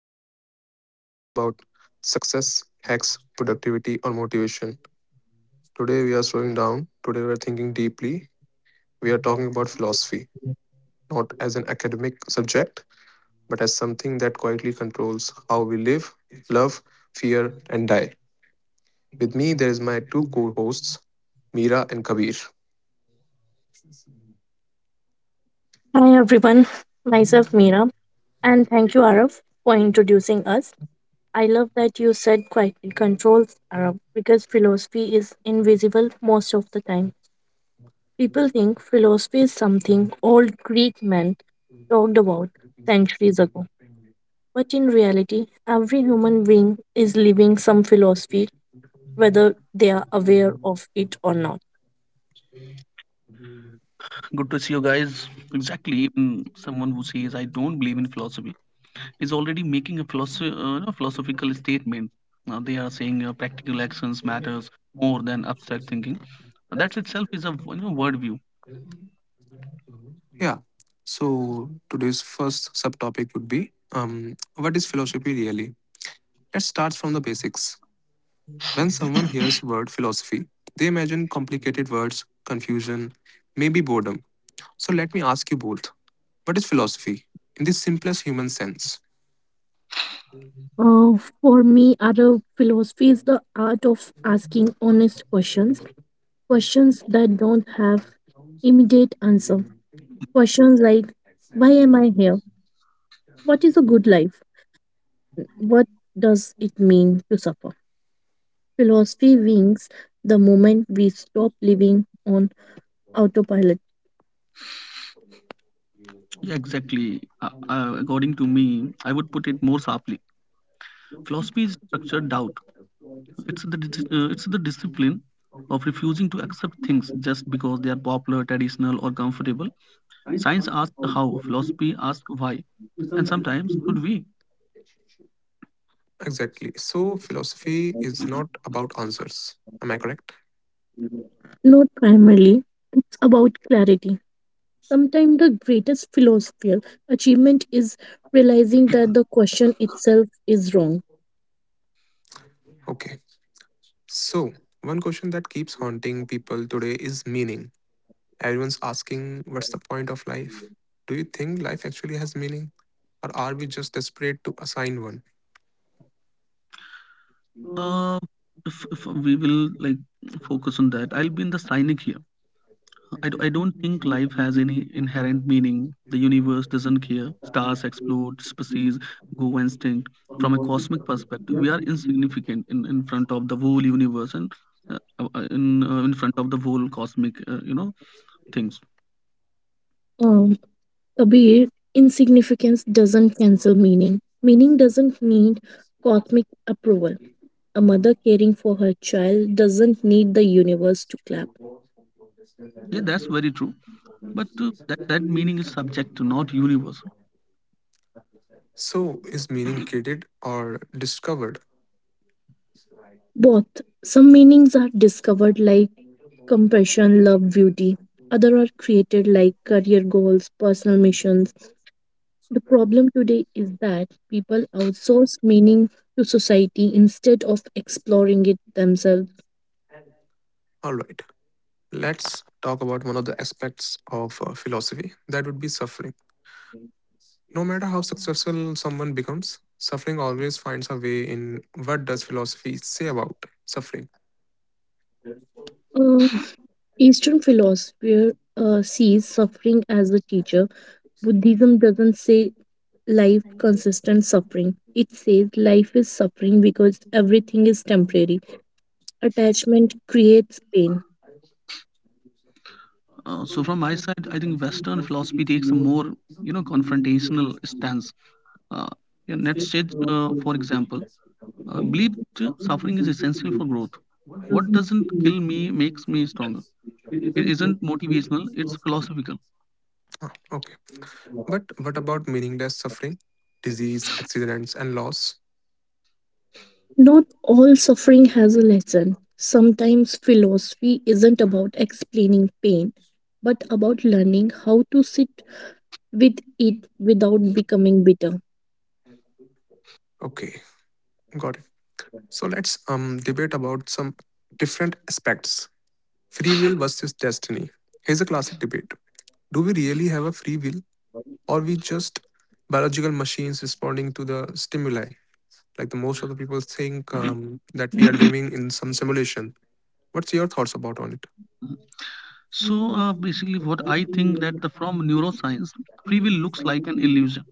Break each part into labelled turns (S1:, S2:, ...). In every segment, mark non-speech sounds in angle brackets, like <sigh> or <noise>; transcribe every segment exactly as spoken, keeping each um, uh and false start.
S1: Today's episode is not about success, hacks, productivity, or motivation. Today, we are slowing down. Today, we are thinking deeply. We are talking about philosophy, not as an academic subject, but as something that quietly controls how we live, love, fear, and die. With me, there is my two co hosts, Mira and Kabir.
S2: Hi everyone, myself Meera, and thank you Araf for introducing us. I love that you said quietly controls Araf because philosophy is invisible most of the time. People think philosophy is something old Greek men talked about centuries ago, but in reality, every human being is living some philosophy whether they are aware of it or not.
S3: Good to see you guys. Exactly, even someone who says I don't believe in philosophy is already making a philosoph- uh,
S1: Yeah.
S3: you know, philosophical statement. Uh, they are saying uh, practical actions matters more than abstract thinking. That itself is a you know worldview.
S1: So today's first subtopic would be um, what is philosophy really? Let's start from the basics. When someone hears word philosophy, they imagine complicated words, confusion, maybe boredom. So let me ask you both. What is philosophy in the simplest human sense?
S2: Uh, for me, Arab philosophy is the art of asking honest questions questions that don't have immediate answer. Questions like why am I here? What is a good life? What does it mean to suffer? Philosophy wings the moment we stop living on autopilot.
S3: Yeah, exactly, uh, uh, according to me, I would put it more sharply. Philosophy is structured doubt. It's the dis- uh, it's the discipline of refusing to accept things just because they are popular, traditional or comfortable. Science asks the how, philosophy asks why, and sometimes should we.
S1: Exactly. So philosophy is not about answers. Am I correct?
S2: Not primarily, it's about clarity. Sometimes the greatest philosophical achievement is realizing that the question itself is wrong.
S1: Okay. So, one question that keeps haunting people today is meaning. Everyone's asking, what's the point of life? Do you think life actually has meaning? Or are we just desperate to assign one?
S3: uh if, if we will like focus on that, I'll be in the cynic here. I, d- I don't think life has any inherent meaning. The universe doesn't care. Stars explode, species go extinct. From a cosmic perspective, we are insignificant in, in front of the whole universe and uh, uh, uh, in uh, in front of the whole cosmic uh, you know things.
S2: Uh, Kabir, insignificance doesn't cancel meaning. Meaning doesn't need cosmic approval. A mother caring for her child doesn't need the universe to clap.
S3: Yeah, that's very true. But uh, that that meaning is subjective, not universal.
S1: So, is meaning created or discovered?
S2: Both. Some meanings are discovered like compassion, love, beauty. Other are created like career goals, personal missions. The problem today is that people outsource meaning to society instead of exploring it themselves.
S1: All right, let's talk about one of the aspects of uh, philosophy that would be suffering. No matter how successful someone becomes, suffering always finds a way in. What does philosophy say about suffering?
S2: Uh, Eastern philosopher uh, sees suffering as a teacher Buddhism doesn't say life consistent suffering. It says life is suffering because everything is temporary. Attachment creates pain.
S3: Uh, so from my side, I think Western philosophy takes a more you know confrontational stance. Uh, yeah, Nietzsche, uh, for example, Uh, believed suffering is essential for growth. What doesn't kill me makes me stronger. It isn't motivational, it's philosophical.
S1: Ah, okay. But what about meaningless suffering? Disease, accidents, and loss?
S2: Not all suffering has a lesson. Sometimes philosophy isn't about explaining pain, but about learning how to sit with it without becoming bitter.
S1: Okay, got it. So let's um debate about some different aspects. Free will versus destiny. Here's a classic debate. Do we really have a free will or we just biological machines responding to the stimuli? Like the most of the people think um, that we are living in some simulation. What's your thoughts about on it?
S3: So uh, basically, what I think that the from neuroscience, free will looks like an illusion.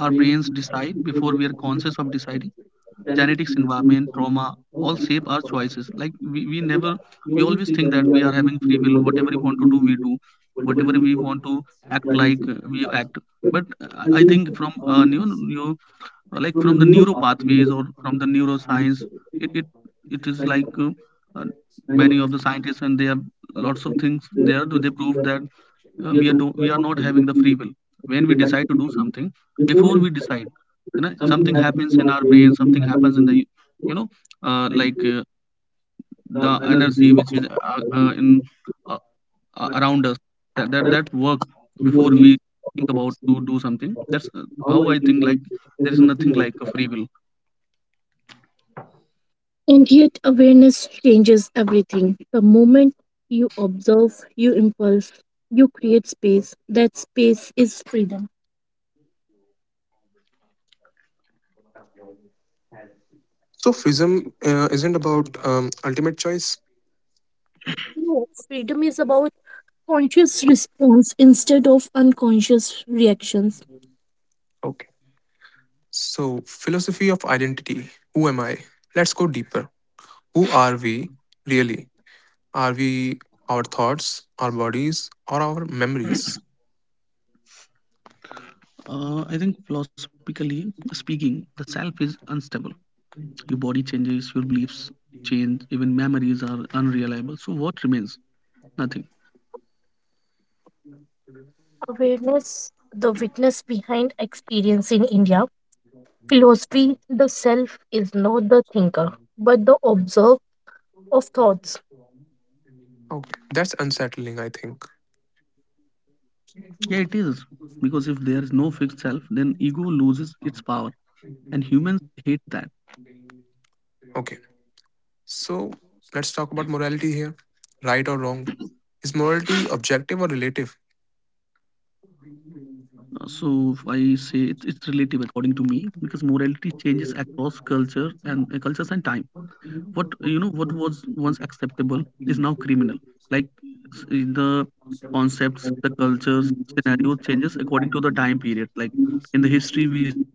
S3: Our brains decide before we are conscious of deciding. Genetics, environment, trauma, all shape our choices. Like we, we never, we always think that we are having free will. Whatever we want to do, we do. Whatever we want to act like, uh, we act. But uh, I think from uh, neo, neo uh, like from the neuro pathways or from the neuroscience, it it, it is like uh, uh, many of the scientists and they have lots of things there they prove that uh, we are do, we are not having the free will. When we decide to do something, before we decide, you know something happens in our brain, something happens in the you know uh, like uh, the energy which is uh, uh, in uh, uh, around us, that, that that works before we think about to do something. That's uh, how I think, like there is nothing like a free will.
S2: And yet, awareness changes everything. The moment you observe, you impulse, you create space. That space is freedom.
S1: So freedom uh, isn't about um, ultimate choice.
S2: No, freedom is about conscious response instead of unconscious reactions.
S1: So philosophy of identity. Who am I? Let's go deeper. Who are we really? Are we our thoughts, our bodies, or our memories?
S3: Uh, I think philosophically speaking, the self is unstable. Your body changes, your beliefs change, even memories are unreliable. So, what remains? Nothing.
S2: Awareness, the witness behind experience in India. Philosophy, the self is not the thinker, but the observer of thoughts.
S1: Okay, that's unsettling, I think.
S3: Yeah, it is. Because if there is no fixed self, then ego loses its power. And humans hate that.
S1: Okay, so let's talk about morality here. Right or wrong? Is morality objective or relative?
S3: Uh, So, if I say it, it's relative, according to me, because morality changes across culture and uh, cultures and time. what you know what was once acceptable is now criminal. Like, s- the concepts, the cultures scenario changes according to the time period. Like in the history we see something,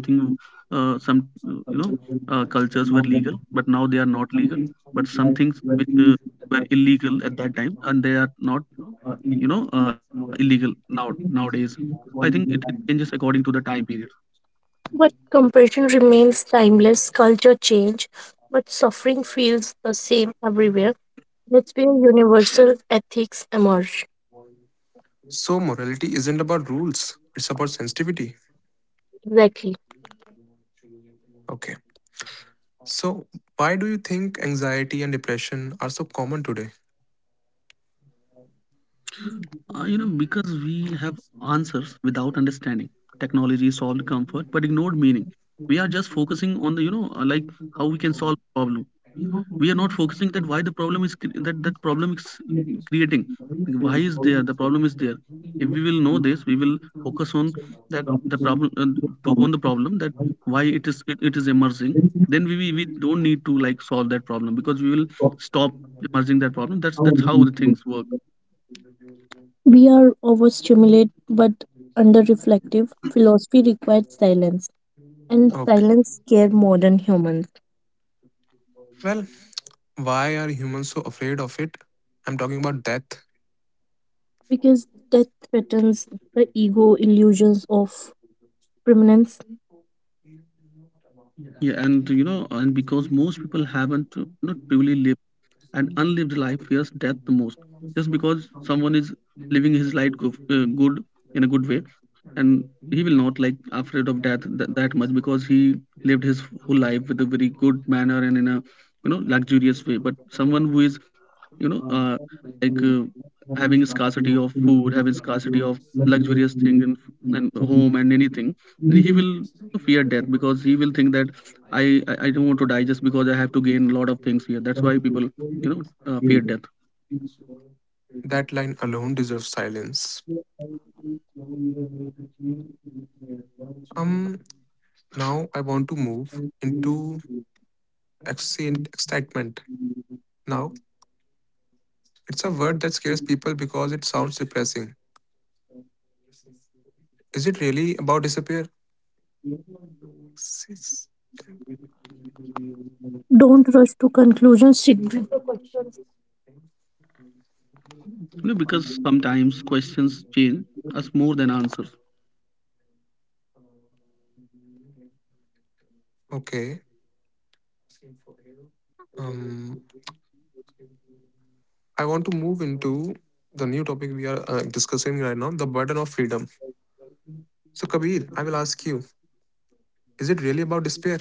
S3: uh, some you know uh, cultures were legal but now they are not legal. But some things which uh, were illegal at that time and they are not you know uh, illegal now, nowadays, I think it, it changes according to the time period.
S2: But compassion remains timeless, culture change, but suffering feels the same everywhere. That's where universal ethics emerge.
S1: So, morality isn't about rules, it's about sensitivity.
S2: Exactly.
S1: Okay. So, why do you think anxiety and depression are so common today?
S3: Uh, you know, because we have answers without understanding. Technology solved comfort but ignored meaning. We are just focusing on the, you know, uh, like how we can solve problem. We are not focusing that why the problem is cre- that that problem is creating. Like, why is there the problem is there? If we will know this, we will focus on that the problem uh, to, on the problem that why it is it, it is emerging. Then we, we we don't need to like solve that problem because we will stop emerging that problem. That's that's how the things work.
S2: We are overstimulated but under reflective. Philosophy requires silence, and
S1: Okay.
S2: silence scare modern humans
S1: Well, why are humans so afraid of it? I'm talking about death.
S2: because death threatens the ego illusions of permanence.
S3: Yeah, and you know, and because most people haven't uh, not truly lived, and unlived life fears death the most. Just because someone is living his life go, uh, good, in a good way, and he will not like afraid of death th- that much because he lived his whole life with a very good manner and in a you know luxurious way. But someone who is you know uh, like uh, having a scarcity of food, having scarcity of luxurious thing, and, and home and anything, then he will fear death because he will think that, I, I I don't want to die just because I have to gain a lot of things here. That's why people you know uh, fear death.
S1: That line alone deserves silence. Um, now I want to move into exci- excitement. Now, it's a word that scares people because it sounds depressing. Is it really about disappear? Sis-
S2: Don't rush to conclusions, sit with the questions.
S3: You know because sometimes questions change us more than answers.
S1: Okay. Um, I want to move into the new topic we are uh, discussing right now, the burden of freedom. So, Kabir, I will ask you, is it really about despair?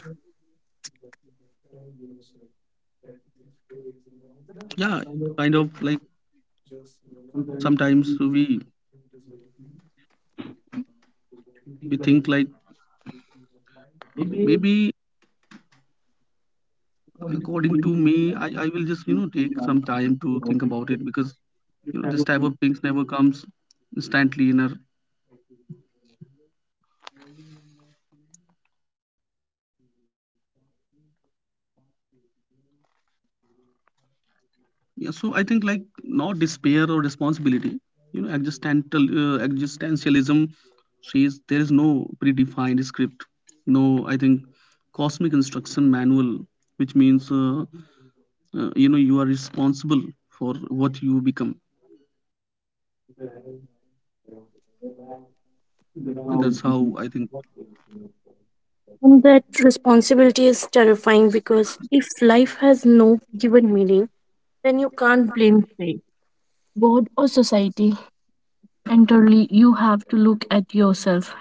S3: Yeah, kind of. Like sometimes we we think like uh, maybe, according to me, I, I will just, you know, take some time to think about it because, you know, this type of things never comes instantly in our. Yeah, so I think like not despair or responsibility. You know, existential, uh, existentialism says there is no predefined script, no, I think, cosmic instruction manual, which means, uh, uh, you know, you are responsible for what you become. And that's how I think.
S2: And that responsibility is terrifying because if life has no given meaning, then you can't blame fate, God, or society. Entirely, you have to look at yourself,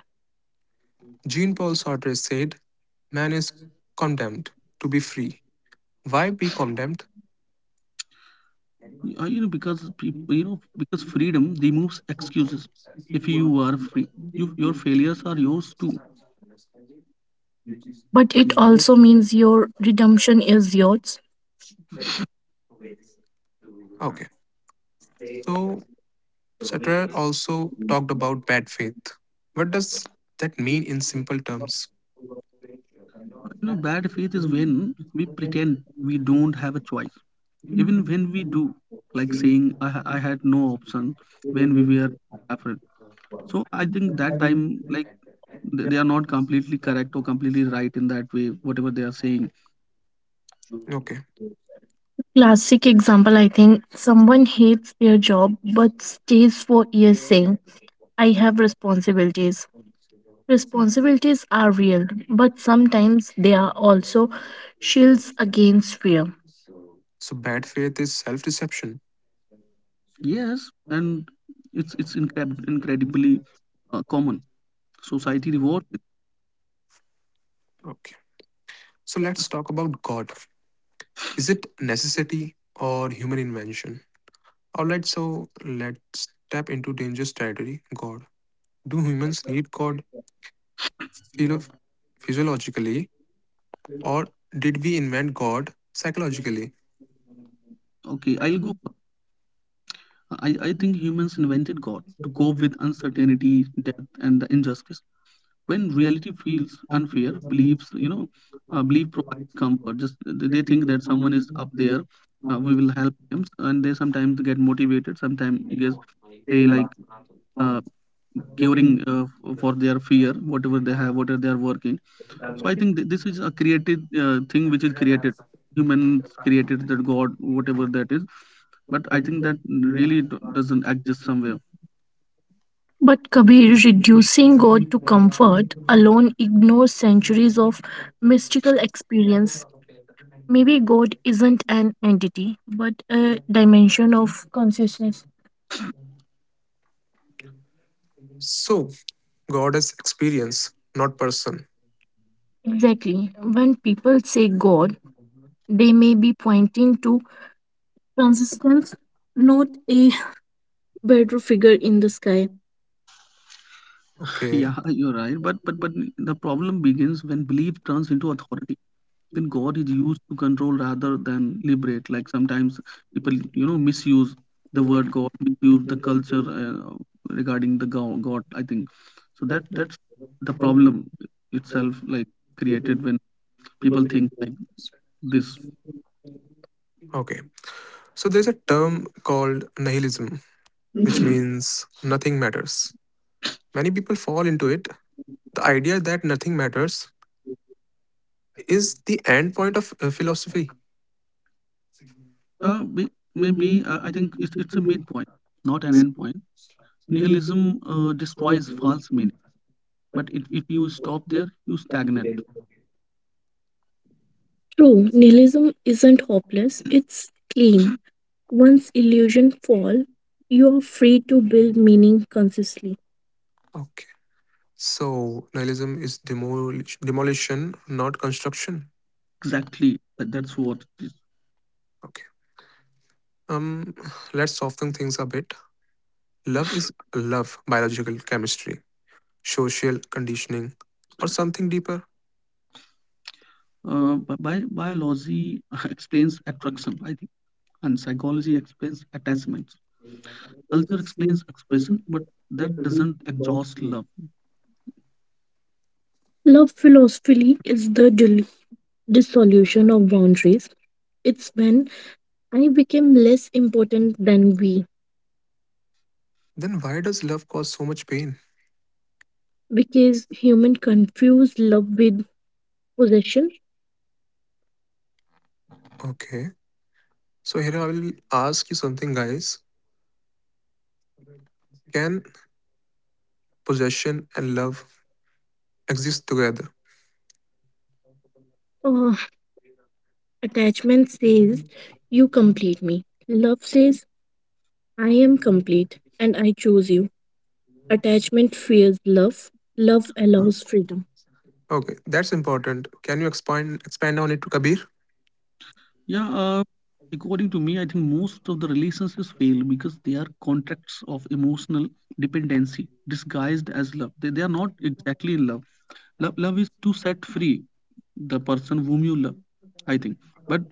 S1: Jean Paul Sartre said, Man is condemned to be free. Why be condemned?
S3: uh, you know Because people you know because freedom removes excuses. If you are free, you, your failures are yours too.
S2: but it also means your redemption is yours.
S1: Okay. So, Sartre also talked about bad faith. What does that mean in simple terms?
S3: Uh, you know bad faith is when we pretend we don't have a choice even when we do. Like saying i, ha- I had no option when we were afraid. So I think that time, like th- they are not completely correct or completely right in that way, whatever they are saying.
S1: Okay.
S2: Classic example, I think someone hates their job but stays for years saying, I have responsibilities. Responsibilities are real, but sometimes they are also shields against fear.
S1: So, bad faith is self deception.
S3: Yes, and it's it's incred- incredibly uh, common. Society rewards it.
S1: Okay. So, let's talk about God. Is it necessity or human invention? Alright, so let's tap into dangerous territory God. Do humans need God, philo- physiologically, or did we invent God psychologically?
S3: Okay, I'll go. I, I think humans invented God to cope with uncertainty, death, and the injustice. When reality feels unfair, beliefs, you know, uh, belief provides comfort. Just they they think that someone is up there, uh, we will help them, and they sometimes get motivated. Sometimes yes, they like uh, curing uh, f- for their fear, whatever they have, whatever they are working. So I think th- this is a created uh, thing which is created. Humans created that God, whatever that is, but I think that really do- doesn't exist somewhere.
S2: But Kabir, reducing God to comfort alone ignores centuries of mystical experience. Maybe God isn't an entity, but a dimension of consciousness.
S1: So, God is experience, not person.
S2: Exactly. When people say God, they may be pointing to Transistence, not a <laughs> better figure in the sky.
S3: Yeah,
S1: Okay.
S3: <laughs> you're right. But but but the problem begins when belief turns into authority. When God is used to control rather than liberate. Like sometimes people, you know, misuse the word God, misuse the culture uh, regarding the go- God. I think so. That that's the problem itself, like created when people think like this.
S1: Okay. So there's a term called nihilism, which means nothing matters. Many people fall into it. The idea that nothing matters is the end point of uh, philosophy.
S3: Uh, may- maybe uh, I think it's it's a midpoint, not an end point. Nihilism uh, destroys false meaning. But if, if you stop there, you stagnate.
S2: True, nihilism isn't hopeless, it's clean. Once illusions fall, you are free to build meaning consistently.
S1: Okay. So nihilism is demolish, demolition, not construction.
S3: Exactly, that- that's what it is.
S1: Okay. Um, let's soften things a bit. Love is love, biological chemistry, social conditioning, or something deeper.
S3: Uh, bi- bi- biology <laughs> explains attraction, I think, and psychology explains attachments. Culture explains expression, but that doesn't exhaust love.
S2: Love philosophy is the dil- dissolution of boundaries. It's when I became less important than we,
S1: Then why does love cause so much pain?
S2: because human confuse love with possession.
S1: Okay. So here I will ask you something, guys. Can possession and love exist together?
S2: Uh, Attachment says, You complete me. Love says, I am complete and I choose you. Attachment fears love. Love allows freedom.
S1: Okay, that's important. Can you expand expand on it, Kabir?
S3: Yeah, uh, according to me, I think most of the relationships fail because they are contracts of emotional dependency disguised as love. They, they are not exactly in love. Love. Love is to set free the person whom you love, I think. But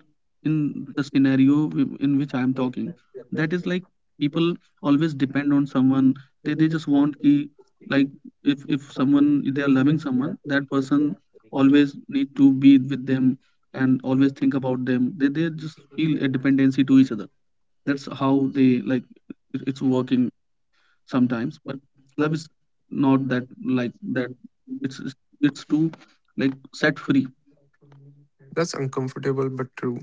S3: in the scenario w- in which I am talking, that is like people always depend on someone. They, they just want ki, like, if if someone, if they are loving someone, that person always need to be with them and always think about them. They, they just feel a dependency to each other. That's how they like it, it's working sometimes. But love is not that. Like that, it's it's it's to like set free.
S1: That's uncomfortable but true.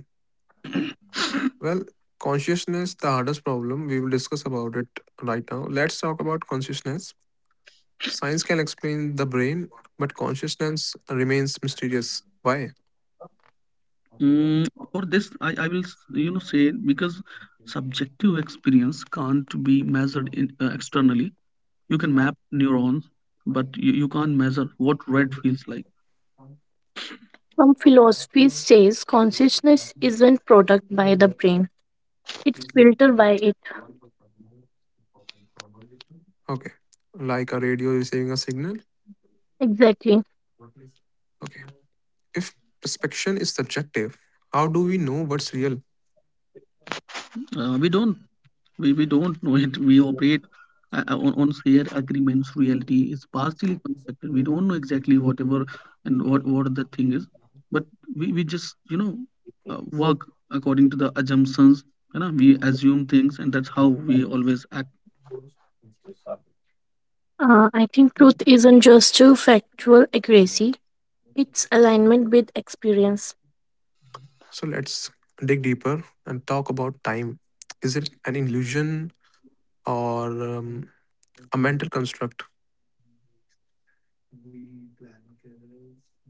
S1: Well, consciousness the hardest problem. We will discuss about it right now. Let's talk about consciousness. Science can explain the brain, but consciousness remains mysterious. Why?
S3: Mm, for this, I, I will s- you know say because subjective experience can't be measured in, uh, externally. You can map neurons, but you, you can't measure what red feels like.
S2: Some philosophy says consciousness isn't product by the brain; it's filtered by it.
S1: Okay. Like a radio receiving a signal.
S2: Exactly.
S1: Okay. If perception is subjective, how do we know what's real?
S3: Uh, we don't, we, we don't know it. We operate uh, uh, on, on shared agreements. Reality is partially constructed. We don't know exactly whatever and what what the thing is, but we, we just you know uh, work according to the assumptions. You know, we assume things, and that's how we always act.
S2: Uh, I think truth isn't just a factual accuracy; it's alignment with experience.
S1: So let's dig deeper and talk about time. Is it an illusion or um, a mental construct.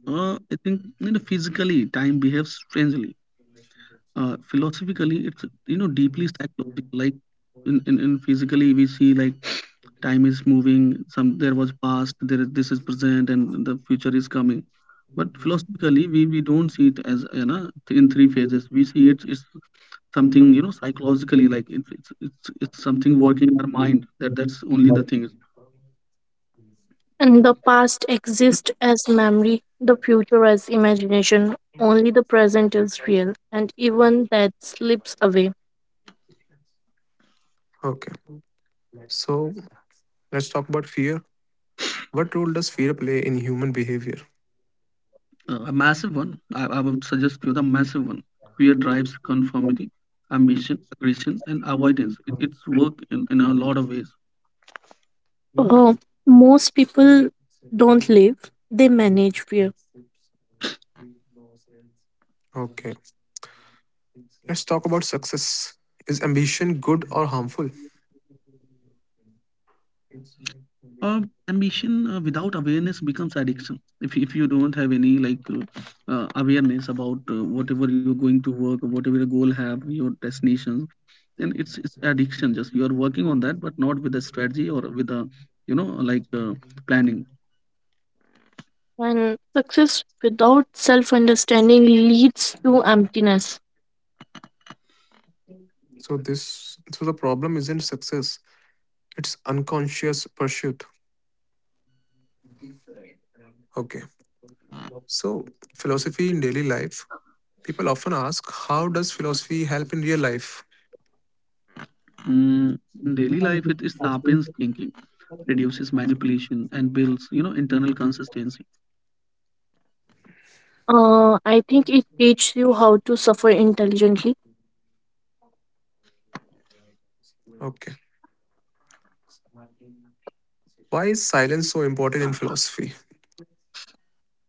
S3: Uh, I think you know physically time behaves strangely. Uh, philosophically, it's you know deeply psychological. Like in, in, in physically, we see like <sniffs> time is moving. Some there was past, there is this is present, and the future is coming. But philosophically, we, we don't see it as you know th- in three phases. We see it it's something you know psychologically. Like it's it's it's, it's something working in our mind. That that's only the thing.
S2: And the past exists as memory, the future as imagination. Only the present is real, and even that slips away.
S1: Okay. So let's talk about fear. What role does fear play in human behavior?
S3: Uh, a massive one. I, I would suggest you the massive one. Fear drives conformity, ambition, aggression, and avoidance. It, it's work in, in a lot of ways.
S2: Uh, most people don't live, they manage fear.
S1: Okay. Let's talk about success. Is ambition good or harmful?
S3: Uh, Ambition uh, without awareness becomes addiction. If, if you don't have any like uh, uh, awareness about uh, whatever you're going to work, or whatever your goal have, your destination, then it's, it's addiction. Just you are working on that, but not with a strategy or with a you know like uh, planning.
S2: And success without self understanding leads to emptiness.
S1: So this so the problem isn't success. It's unconscious pursuit. Okay. So philosophy in daily life. People often ask, how does philosophy help in real life?
S3: Mm, in daily life, it is the happens thinking reduces manipulation and builds you know internal consistency.
S2: Uh, I think it teaches you how to suffer intelligently.
S1: Okay. Why is silence so important in philosophy?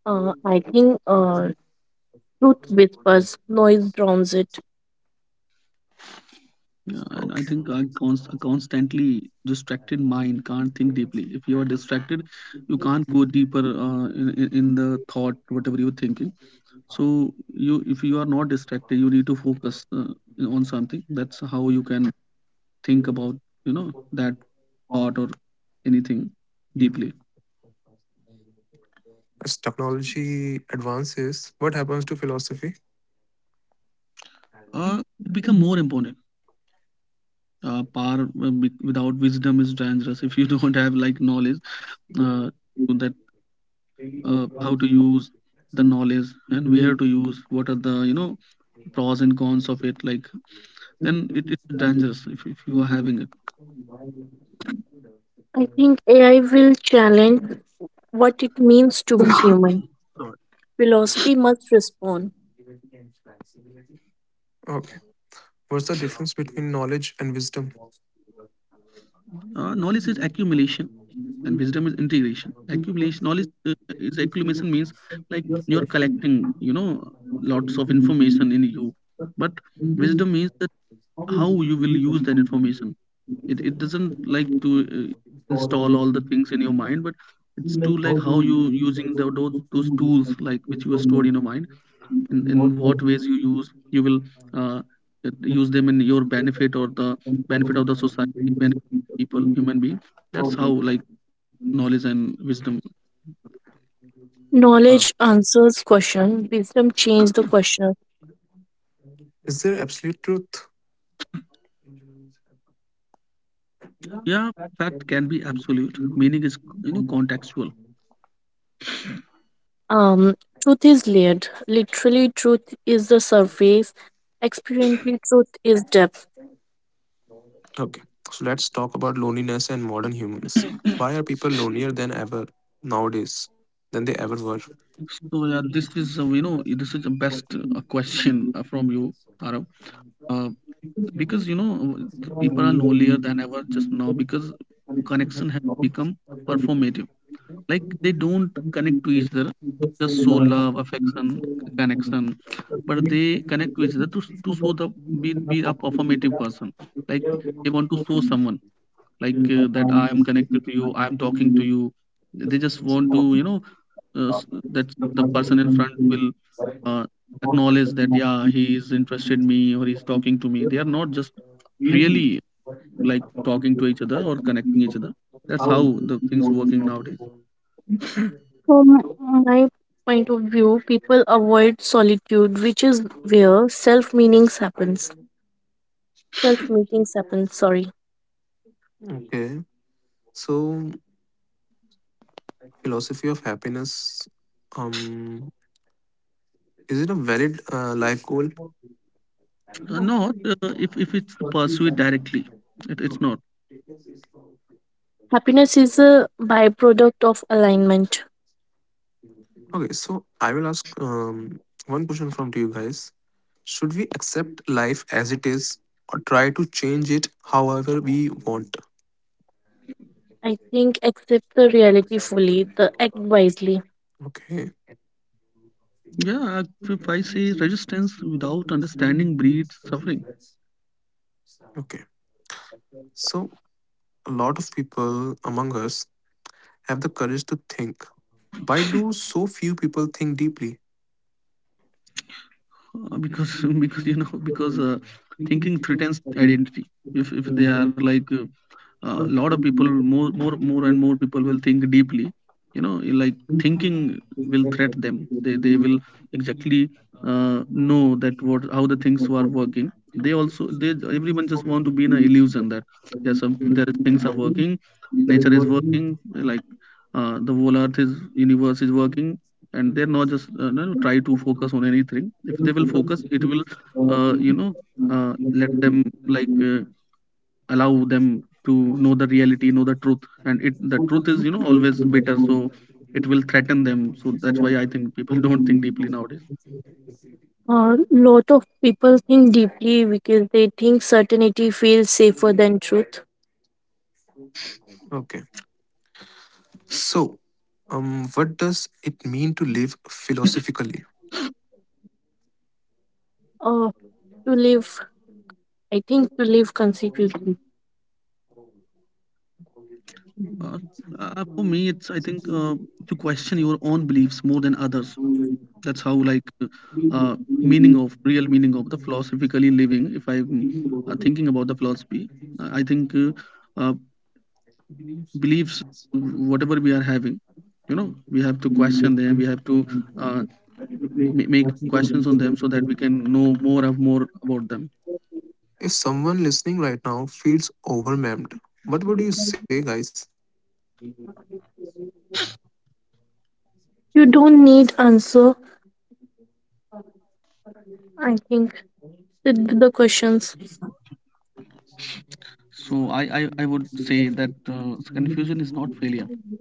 S2: Uh, I think uh, truth whispers, noise drowns it.
S3: Yeah, and I
S1: Okay.
S3: think a, const- a constantly distracted mind can't think deeply. If you are distracted you can't go deeper uh, in, in in the thought whatever you're thinking. So you, if you are not distracted, you need to focus uh, on something. That's how you can think about you know that thought or anything deeply.
S1: As technology advances, what happens to philosophy?
S3: Uh, it become more important. Uh, power uh, wi- without wisdom is dangerous if you <laughs> don't have like knowledge uh, to that, uh, how to use the knowledge and where to use, what are the you know pros and cons of it, like, then it, it's dangerous if, if you are having it.
S2: I think A I will challenge what it means to be human.
S3: <clears throat> Sorry.
S2: Philosophy must respond.
S1: Okay. What's the difference between knowledge and wisdom?
S3: Uh, knowledge is accumulation and wisdom is integration. Accumulation knowledge uh, is accumulation means, like, you're collecting you know lots of information in you, but wisdom means that how you will use that information. It, it doesn't like to uh, install all the things in your mind, but it's to, like, how you using the, those those tools, like, which you are stored in your mind, in, in what ways you use, you will uh, uh, use them in your benefit or the benefit of the society, benefit people, human being. That's how, like, knowledge and wisdom are.
S2: Knowledge answers question. Wisdom changes the question.
S1: Is there absolute truth?
S3: Yeah, fact can be absolute, meaning is you know contextual.
S2: Um, Truth is layered. Literally, truth is the surface. Experientially, truth is depth.
S1: Okay. So let's talk about loneliness and modern humans. Why are people lonelier than ever nowadays than they ever
S3: So,
S1: were?
S3: yeah, this is uh, you know this is the best uh, question uh, from you, Arav. Uh, because you know the people are lonelier than ever just now, because connection has become performative. Like, they don't connect to each other to just show love, affection, connection, but they connect to each other to, to show the, be, be a performative person. Like, they want to show someone, like, uh, that I am connected to you, I am talking to you. They just want to you know uh, s- that the person in front will uh, acknowledge that, yeah, he is interested me or he's talking to me. They are not just really, like, talking to each other or connecting each other. That's how the things working nowadays.
S2: From my point of view, people avoid solitude, which is where self meanings happens. Self meetings happen. Sorry,
S1: Okay. So philosophy of happiness, um, is it a valid uh, life goal?
S3: Uh, not, uh, if, if it's pursued directly, it, it's not.
S2: happiness is a byproduct of alignment.
S1: Okay, so I will ask um, one question from to you guys. Should we accept life as it is or try to change it however we want?
S2: I think accept the reality fully, the act wisely.
S1: Okay,
S3: Yeah, if, if I say resistance without understanding breeds suffering.
S1: okay. So a lot of people among us have the courage to think. Why do so few people think deeply?
S3: Uh, because <laughs> because you know because uh, thinking threatens identity. If if they are like a uh, a lot of people, more more more and more people will think deeply, you know, like, thinking will threat them. They they will exactly uh, know that what, how the things are working. They also they, everyone just want to be in an illusion that, yes, some, there is things are working, nature is working, like, uh, the whole earth is, universe is working. And they're not just, uh, no, try to focus on anything. If they will focus, it will, uh, you know uh, let them, like, uh, allow them to know the reality, know the truth. And it the truth is you know always bitter. So it will threaten them. So that's why I think people <laughs> don't think deeply nowadays.
S2: A lot of people think deeply because they think certainty feels safer than truth.
S1: Okay, so, um, what does it mean to live philosophically?
S2: Uh, to live I think to live consequently.
S3: uh, uh, for me, it's, I think, uh, to question your own beliefs more than others. That's how, like, uh, meaning of real meaning of the philosophically living. If I'm uh, thinking about the philosophy, i I think, uh, uh, beliefs, whatever we are having, you know we have to question them. We have to uh, ma- make questions on them so that we can know more of more about them.
S1: If someone listening right now feels overwhelmed, what would you say, guys?
S2: You don't need answer. I think the the questions.
S3: So i i, I would say that, uh, confusion is not failure.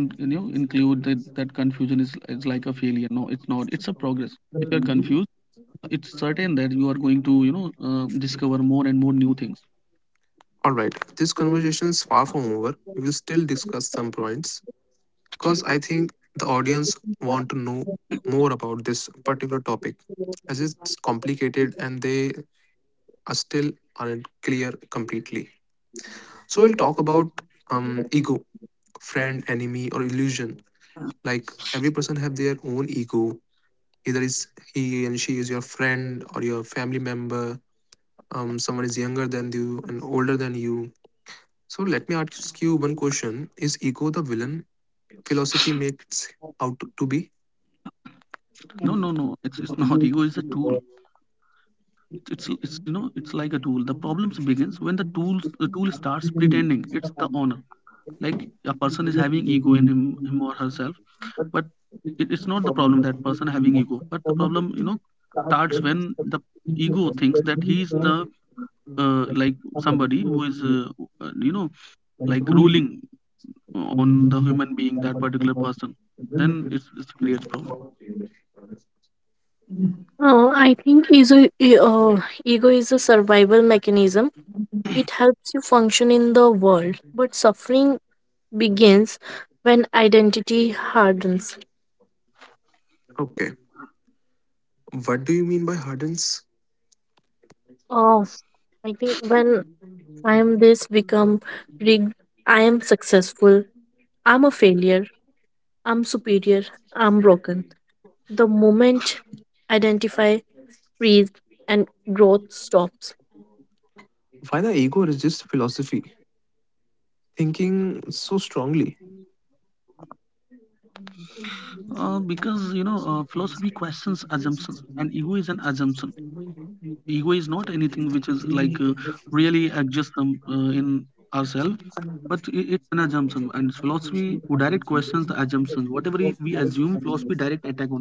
S3: Don't don't you know include that, that confusion is, is like a failure. No, it's not, it's a progress. If you're confused, it's certain that you are going to, you know uh, discover more and more new things.
S1: All right, this conversation is far from over. We will still discuss some points because I think the audience want to know more about this particular topic as it's complicated and they are still aren't clear completely. So we'll talk about, um, ego, friend, enemy, or illusion. Like every person have their own ego. Either is he and she is your friend or your family member. Um, someone is younger than you and older than you. So let me ask you one question. Is ego the villain philosophy makes out to be?
S3: No, no, no, it's it's not. Ego is a tool. It's it's it's you know it's like a tool. The problems begins when the tools the tool starts pretending it's the owner. Like, a person is having ego in him, him or herself, but it, it's not the problem that person having ego. But the problem, you know starts when the ego thinks that he's the, uh, like, somebody who is uh, uh, you know like ruling on the human being, that particular person, then it's, it creates problem.
S2: Uh, I think ego. A e- uh, Ego is a survival mechanism. It helps you function in the world, but suffering begins when identity hardens.
S1: Okay. What do you mean by hardens?
S2: Oh, I think when I am this become rigged. I am successful. I'm a failure. I'm superior. I'm broken. The moment identify freeze, and growth stops.
S1: Why the ego resists philosophy, thinking so strongly?
S3: Uh, because you know uh, philosophy questions assumptions and ego is an assumption. Ego is not anything which is, like, uh, really exists, um, uh, in ourselves. But i- it's an assumption, and philosophy who direct questions the assumptions, whatever we we assume, philosophy direct attack on that thing.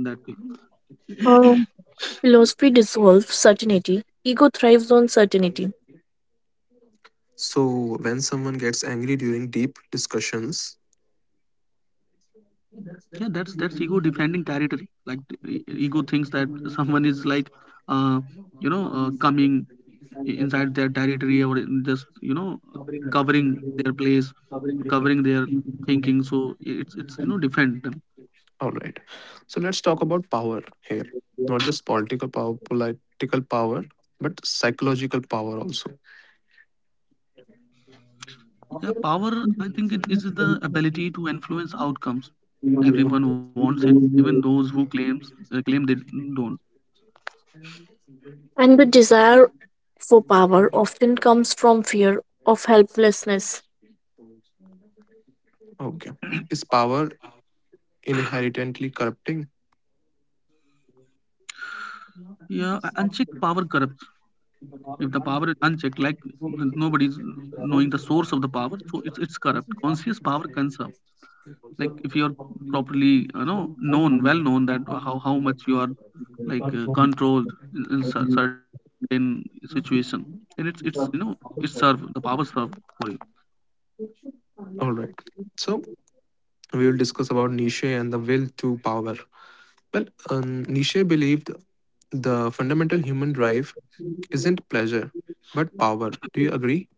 S2: Um, Philosophy dissolves certainty, ego thrives on certainty,
S1: So when someone gets angry during deep discussions.
S3: Yeah, that's that's ego defending territory. Like, e- ego thinks that <laughs> someone is, like, uh, you know uh, coming inside their territory, or in, just, you know covering their place, covering their thinking. So it's it's you know defend them.
S1: Alright. So let's talk about power here. Not just political power political power, but psychological power also.
S3: Yeah, power, I think it is the ability to influence outcomes. Everyone wants it, even those who claims uh, claim they don't.
S2: and the desire for power often comes from fear of helplessness.
S1: Okay. Is power inherently corrupting?
S3: Yeah, a- unchecked power corrupts. If the power is unchecked, like, th- nobody's knowing the source of the power, so it's it's corrupt. Conscious power conserves, like, if you're properly, you know known well known that how how much you are, like, uh, controlled in, in cer- certain situation. And it's it's you know it's served, the power served for you.
S1: Alright. So we will discuss about Nietzsche and the will to power. Well, um, Nietzsche believed the fundamental human drive isn't pleasure, but power. Do you agree?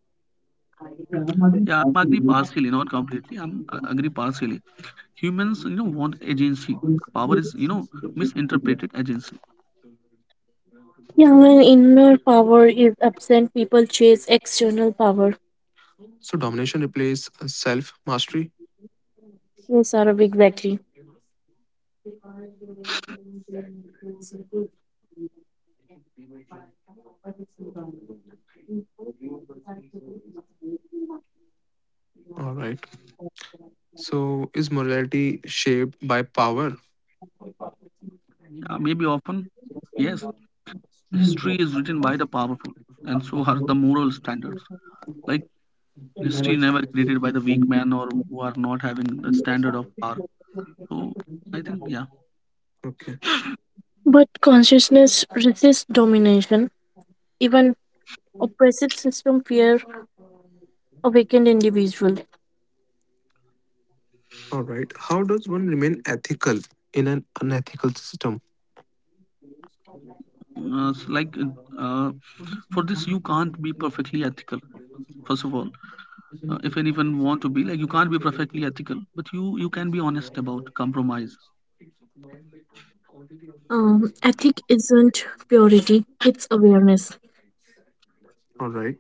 S3: Yeah, i'm agree partially, not completely, i'm uh, agree partially. Humans, you know want agency. Power is you know misinterpreted agency.
S2: Yeah, when inner power is absent, people chase external power.
S1: So, domination replaces self mastery.
S2: Yes, Arav, exactly.
S1: All right. So, is morality shaped by power?
S3: Uh, maybe often yes. History is written by the powerful, and so are the moral standards. Like, history never created by the weak man or who are not having a standard of power. So, I think, yeah.
S1: Okay.
S2: But consciousness resists domination. Even oppressive system fear awakened individual.
S1: All right. How does one remain ethical in an unethical system?
S3: Uh, s- like, uh, for this you can't be perfectly ethical. First of all, uh, if anyone want to be, like, you can't be perfectly ethical, but you you can be honest about compromise.
S2: Um, ethic isn't purity; it's awareness.
S1: All right.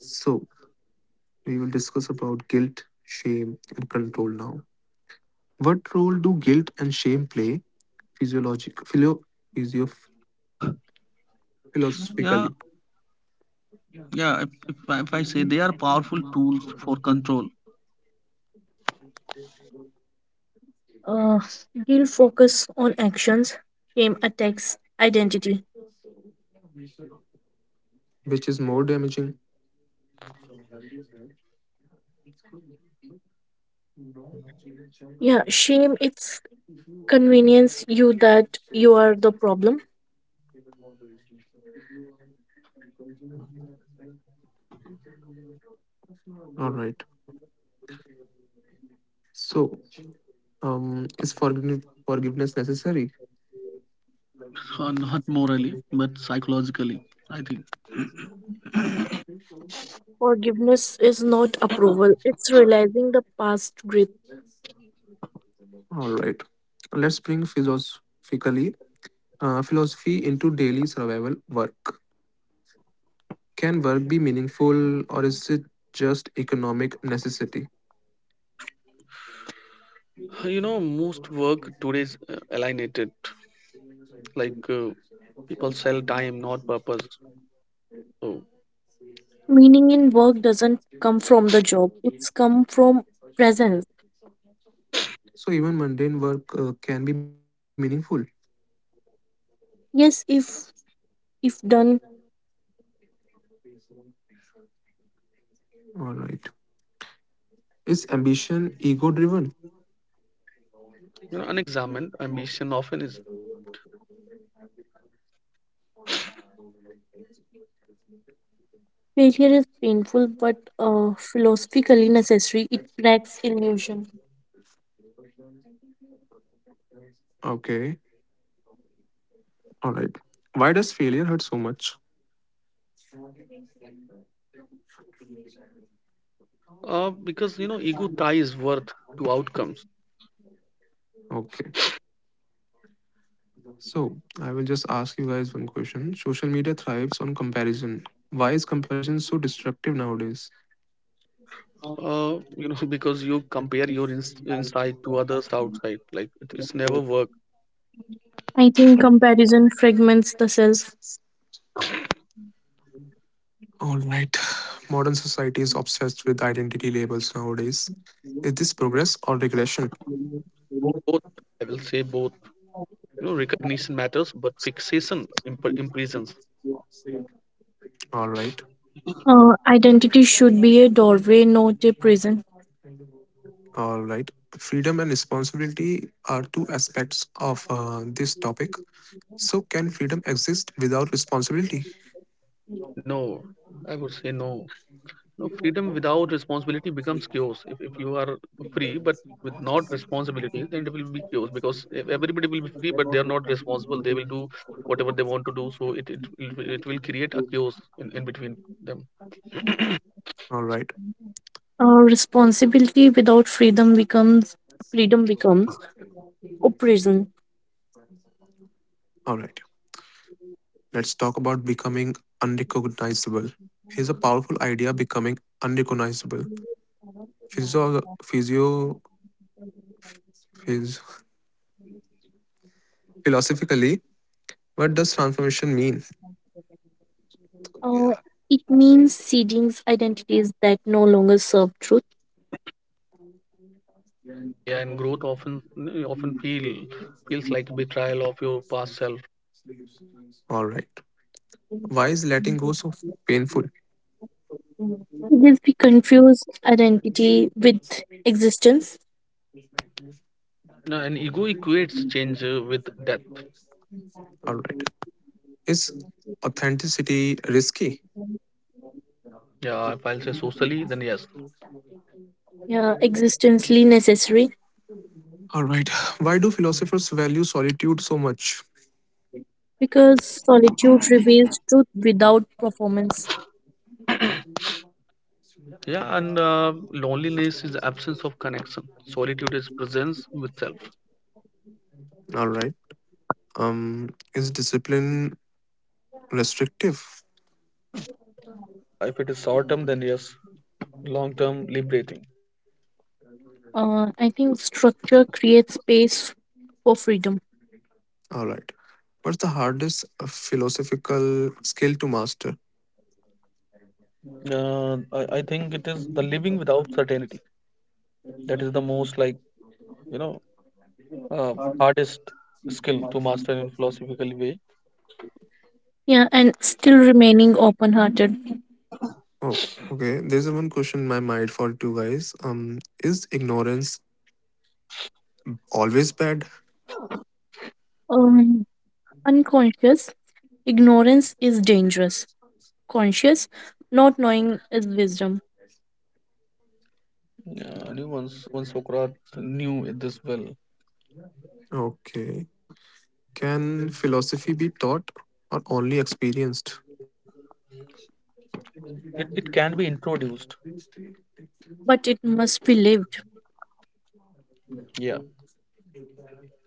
S1: So, we will discuss about guilt, shame, and control now. What role do guilt and shame play, physiologic, philo, physio,
S3: Yeah,
S1: philosophically,
S3: yeah. If if I, if I say, they are powerful tools for control.
S2: Uh, Guilt focus on actions. Shame attacks identity.
S1: which is more damaging.
S2: Yeah, shame it's convenience you that you are the problem.
S1: All right. So, um, is forgiveness forgiveness necessary?
S3: So, not morally but psychologically, I think.
S2: Forgiveness is not approval. It's realizing the past grip.
S1: All right. Let's bring philosophically uh, philosophy into daily survival work. Can work be meaningful, or is it just economic necessity?
S3: You know most work today is uh, alienated. Like, uh, people sell time, not purpose. So,
S2: Meaning in work doesn't come from the job. It's come from presence.
S1: So even mundane work uh, can be meaningful.
S2: Yes, if if done,
S1: All right. Is ambition ego driven?
S3: you know unexamined ambition often is.
S2: failure is painful, but uh, philosophically necessary. It cracks illusion.
S1: Okay. All right. Why does failure hurt so much?
S3: Uh, because you know ego ties worth to outcomes.
S1: Okay. So, I will just ask you guys one question. Social media thrives on comparison. Why is comparison so destructive nowadays?
S3: Uh, you know <laughs> because you compare your ins- inside to others outside. Like, it, it's never work.
S2: I think comparison fragments the self.
S1: All right. <sighs> Modern society is obsessed with identity labels nowadays. Is this progress or regression?
S3: Both, I will say both. You know recognition matters, but fixation imp- imprisons.
S1: All right.
S2: Uh, identity should be a doorway, not a prison.
S1: All right. Freedom and responsibility are two aspects of uh, this topic. So, can freedom exist without responsibility?
S3: No, I would say no. No freedom without responsibility becomes chaos. If if you are free but with not responsibility, then it will be chaos, because e- everybody will be free but they are not responsible. They will do whatever they want to do. So it it, it, will- it will create a chaos in, in between them.
S1: All right.
S2: Uh, responsibility without freedom becomes freedom becomes oppression.
S1: All right. Let's talk about becoming unrecognizable. Here's a powerful idea, becoming unrecognizable. Physio, physio, phys- Philosophically, what does transformation mean?
S2: Uh, it means ceding identities that no longer serve truth.
S3: Yeah, and growth often often feel feels like betrayal of your past self.
S1: All right. Why is letting go so painful?
S2: Because we confuse identity with existence,
S3: No, and ego equates change uh, with death.
S1: All right. Is authenticity risky?
S3: Yeah, if I'll say socially, then yes.
S2: yeah, existentially necessary.
S1: All right. <sighs> Why do philosophers value solitude so much?
S2: Because solitude reveals truth without performance.
S3: Yeah, and uh, loneliness is absence of connection. Solitude is presence with self.
S1: All right. Um, is discipline restrictive?
S3: If it is short term, then yes. Long term, liberating.
S2: Uh, I think structure creates space for freedom.
S1: All right. What's the hardest philosophical skill to master?
S3: Uh, I, I think it is the living without certainty. That is the most, like, you know uh, hardest skill to master in philosophical way.
S2: Yeah, and still remaining open hearted.
S1: Oh, okay. There's a one question in my mind for two guys. Um, is ignorance always bad?
S2: Um, unconscious ignorance is dangerous. Conscious not knowing is wisdom,
S3: Yeah, only once once Socrates knew this well.
S1: Okay. Can philosophy be taught or only experienced?
S3: It, it can be introduced.
S2: but it must be lived.
S3: Yeah.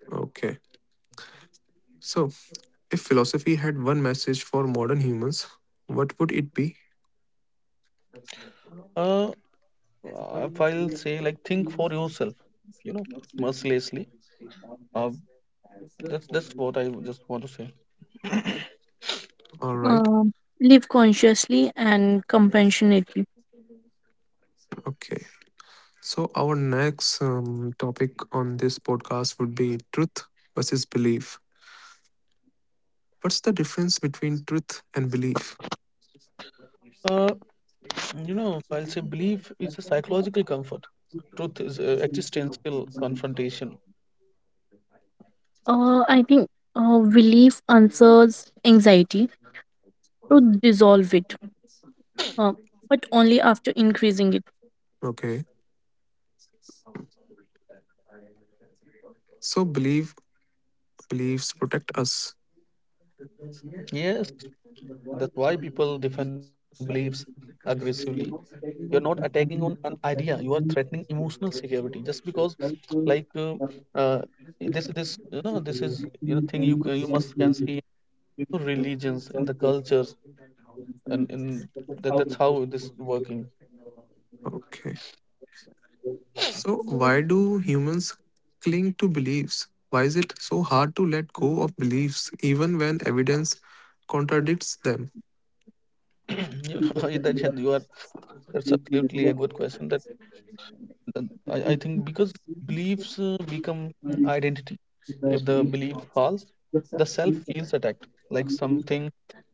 S1: Okay. So, if philosophy had one message for modern humans, what would it be?
S3: Uh, if I'll say, like, think for yourself, you know, mercilessly. Uh, that's that's what I just want to say.
S1: All right.
S2: Um, live consciously and compassionately.
S1: Okay. So, our next, um, topic on this podcast would be truth versus belief. What's the difference between truth and belief?
S3: Uh, you know, I'll say belief is a psychological comfort. Truth is uh, existential confrontation.
S2: Uh, I think uh, relief answers anxiety to dissolve it, uh, but only after increasing it.
S1: Okay, so belief beliefs protect us.
S3: Yes, that's why people defend beliefs aggressively. You're not attacking on an idea. You are threatening emotional security, just because, like, uh, uh, this this you know this is you know thing you ca- you must can see in religions, in the cultures, and in, that that's how this working.
S1: Okay, so why do humans cling to beliefs? Why is it so hard to let go of beliefs even when evidence contradicts them?
S3: <clears throat> you know <laughs> that you are that's absolutely a good question that Then I, I think, because beliefs uh, become, mm, identity. If the belief falls, the self feels attacked. Like something,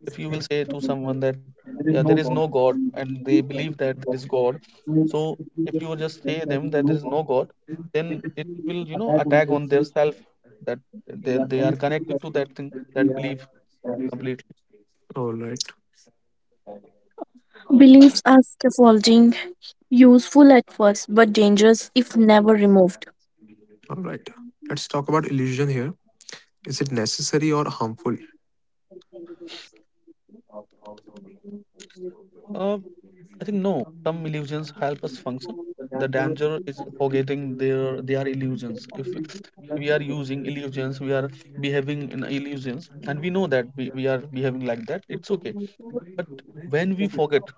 S3: if you will say to someone that, yeah, there is no God, and they believe that there is God. So if you just say them that there is no God, then it will, you know, attack on their self, that they, they are connected to that thing, that belief, completely.
S1: All right.
S2: Beliefs are scaffolding, useful at first, but dangerous if never removed.
S1: All right. Let's talk about illusion here. Is it necessary or harmful?
S3: Uh, I think no. Some illusions help us function. The danger is forgetting their they are illusions. If we are using illusions, we are behaving in illusions, and we know that we, we are behaving like that. It's okay. But when we forget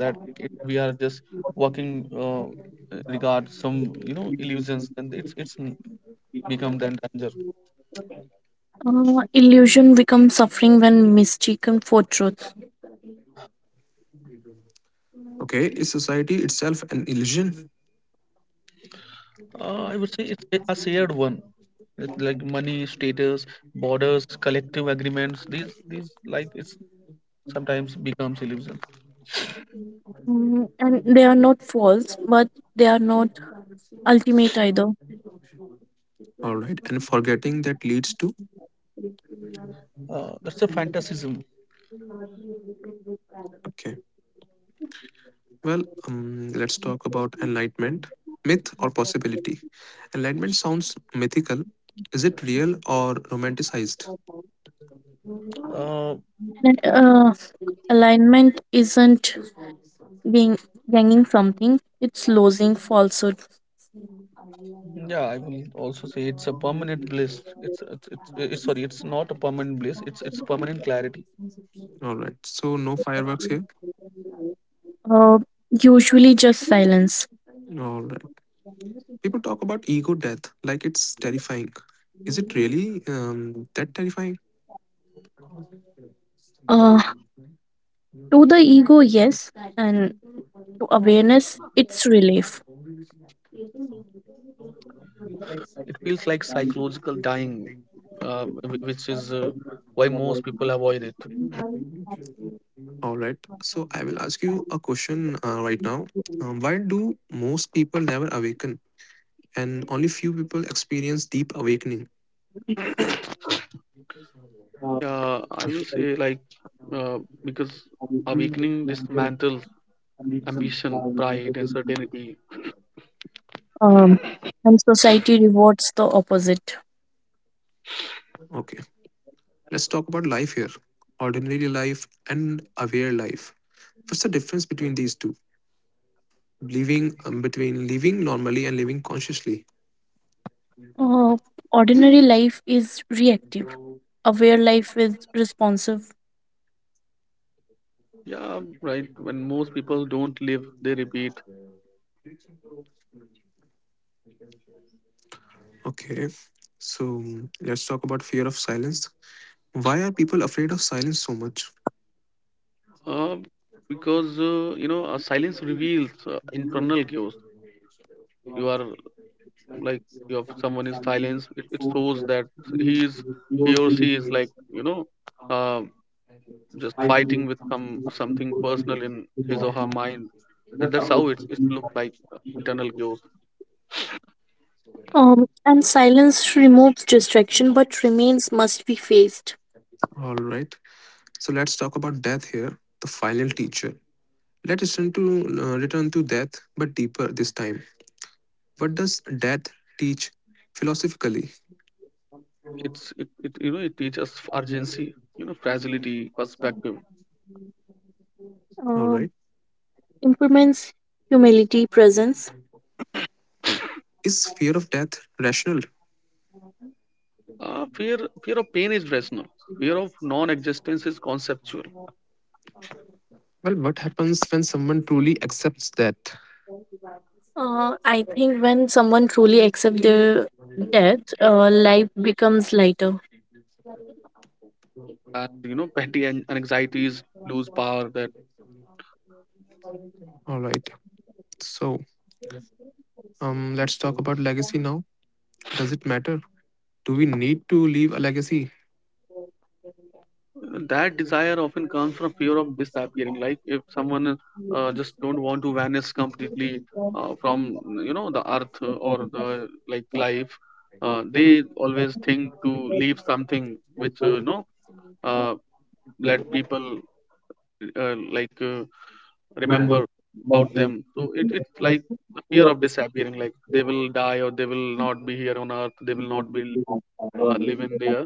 S3: that it, we are just working uh, regard some you know illusions, then it's it's n- become then danger.
S2: Uh, illusion becomes suffering when mistaken for truth.
S1: Okay, is society itself an illusion?
S3: Uh, I would say it's a a shared one. It's like money, status, borders, collective agreements. These these, like, it's, sometimes becomes illusion.
S2: Mm, and they are not false, but they are not ultimate either.
S1: All right, and forgetting that leads to
S3: Uh, that's a fantasism.
S1: okay. Well, um, let's talk about enlightenment, myth or possibility. Enlightenment sounds mythical. Is it real or romanticized?
S3: Uh,
S2: Uh, alignment isn't being gaining something, it's losing falsehood.
S3: yeah, I will also say it's a permanent bliss. It's it's, it's uh, it's Sorry, it's not a permanent bliss. It's it's permanent clarity.
S1: All right, so no fireworks here.
S2: Uh, Usually just silence.
S1: All right, people talk about ego death like it's terrifying. Is it really um, that terrifying?
S2: Uh, to the ego, yes, and to awareness, it's relief.
S3: It feels like psychological dying, uh, wh- which is uh, why most people avoid it.
S1: All right. So I will ask you a question uh, right now. Um, why do most people never awaken and only few people experience deep awakening?
S3: Yeah, I will say, like, uh, because awakening dismantles ambition, pride, and certainty.
S2: Um, and society rewards the opposite.
S1: Okay. Let's talk about life here, ordinary life and aware life. What's the difference between these two? Living um, between living normally and living consciously.
S2: Uh, ordinary life is reactive, aware life is responsive,
S3: Yeah, right. When most people don't live, they repeat.
S1: Okay. So let's talk about fear of silence. Why are people afraid of silence so much?
S3: Uh, because, uh, you know, uh, silence reveals uh, internal chaos. You are, like, you have someone is silence. It, it shows that he is he or she is, like, you know, uh, just fighting with some something personal in his or her mind. That, that's how it it looks like uh, internal chaos.
S2: um, and silence removes distraction but remains must be faced.
S1: All right. So let's talk about death here, the final teacher. Let us turn to uh, return to death, but deeper this time. What does death teach philosophically?
S3: It's it, it you know it teaches urgency. You know, fragility, perspective.
S1: All
S2: Um
S1: right,
S2: improvements humility, presence.
S1: is fear of death rational?
S3: Uh, fear fear of pain is rational. Fear of non-existence is conceptual.
S1: Well, what happens when someone truly accepts death?
S2: Uh, I think when someone truly accepts their death, uh, life becomes lighter.
S3: And you know petty an- anxieties lose power that
S1: All right, so, um, let's talk about legacy now. Does it matter? Do we need to leave a legacy?
S3: That desire often comes from fear of disappearing. Like, if someone, uh, just don't want to vanish completely uh, from, you know the earth or the, like, life. Uh, they always think to leave something which, uh, you know uh, let people, uh, like, uh, remember about them. So it, it's like the fear of disappearing, like they will die or they will not be here on earth, they will not be uh, living there.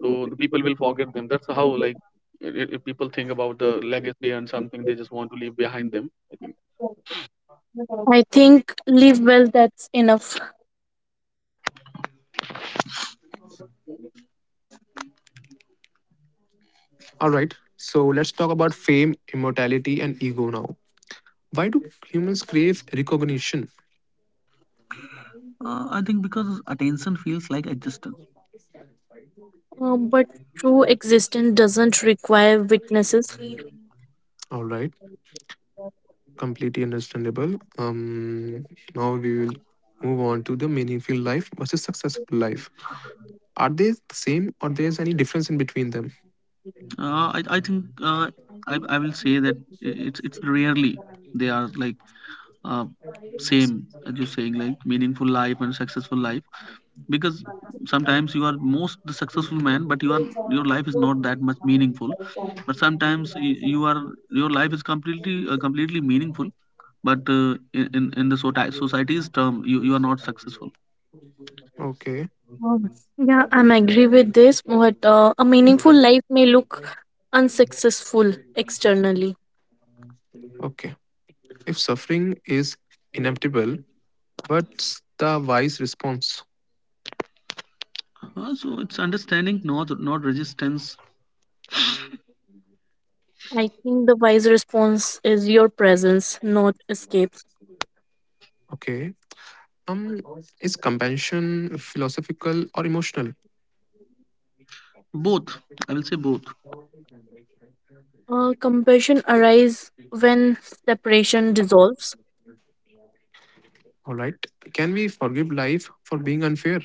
S3: So the people will forget them. That's how, like, i- if people think about the legacy and something, they just want to leave behind them, i think.
S2: I think live well, that's enough.
S1: All right, so let's talk about fame, immortality, and ego now. Why do humans crave recognition?
S3: Uh, I think because attention feels like existence.
S2: Um, but true existence doesn't require witnesses.
S1: All right, completely understandable. Um, now we will move on to the meaningful life versus successful life. Are they the same or there's any difference in between them?
S3: Uh, I, I think, uh, I, I will say that, i- it's it's rarely they are, like, uh, same, as you're saying, like meaningful life and successful life, because sometimes you are most the successful man, but you are your life is not that much meaningful. But sometimes y- you are your life is completely uh, completely meaningful, but uh, in in in the soti- society's term, you, you are not successful.
S1: Okay,
S2: Oh, yeah, I'm agree with this. But uh, a meaningful life may look unsuccessful externally.
S1: okay. If suffering is inevitable, what's the wise response?
S3: Uh, so, it's understanding, not not resistance.
S2: I think the wise response is your presence, not escape.
S1: Okay. Um, is compassion philosophical or emotional?
S3: Both, I will say both.
S2: Uh, compassion arises when separation dissolves.
S1: All right. Can we forgive life for being unfair?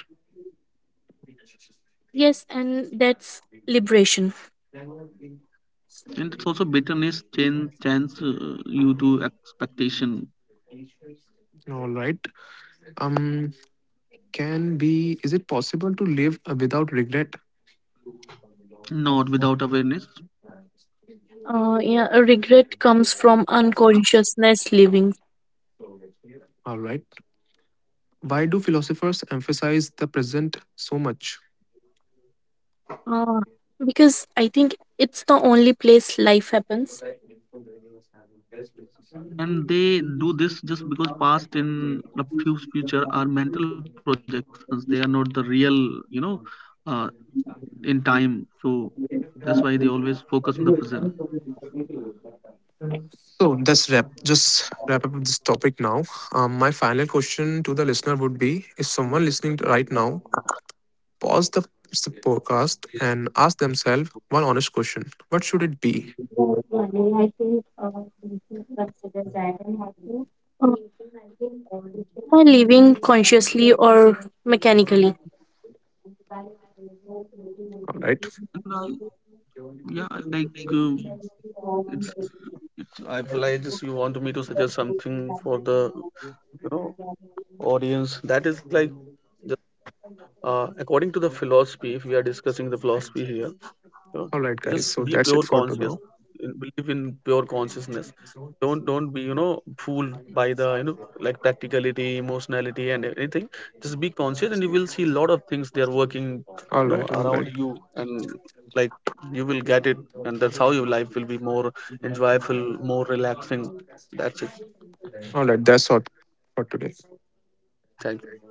S2: Yes, and that's liberation.
S3: And it's also bitterness, chain chance uh, you to expectation.
S1: All right. Um, can be is it possible to live without regret?
S3: Not without awareness.
S2: Uh, yeah, a regret comes from unconsciousness living.
S1: All right. Why do philosophers emphasize the present so much?
S2: Uh, because I think it's the only place life happens.
S3: And they do this just because past and the fuse future are mental projections. They are not the real, you know uh, in time. So that's why they always focus on the present.
S1: So that's wrap. Just wrap up this topic now. Um, my final question to the listener would be: If someone listening to right now, pause the s- podcast and ask themselves one honest question: What should it be?
S2: More money, I think uh, we should consider that and how to, uh, give everything. By living consciously or mechanically.
S1: All right,
S3: And, I, yeah, I like, uh, It's, it's I feel like, just, you want me to suggest something for the, you know audience that is like, just, uh, according to the philosophy, if we are discussing the philosophy here, you know,
S1: all right, guys.
S3: just
S1: So
S3: be
S1: that's it
S3: pure
S1: for to
S3: conscious,
S1: now.
S3: in- believe in pure consciousness. Don't don't be, you know fooled by the, you know like, practicality, emotionality, and anything. Just be conscious and you will see a lot of things they are working,
S1: All
S3: you know
S1: right, all
S3: around
S1: right,
S3: you. And, like, you will get it. And that's how your life will be more enjoyable, more relaxing. That's it.
S1: all right. That's all for today.
S3: Thank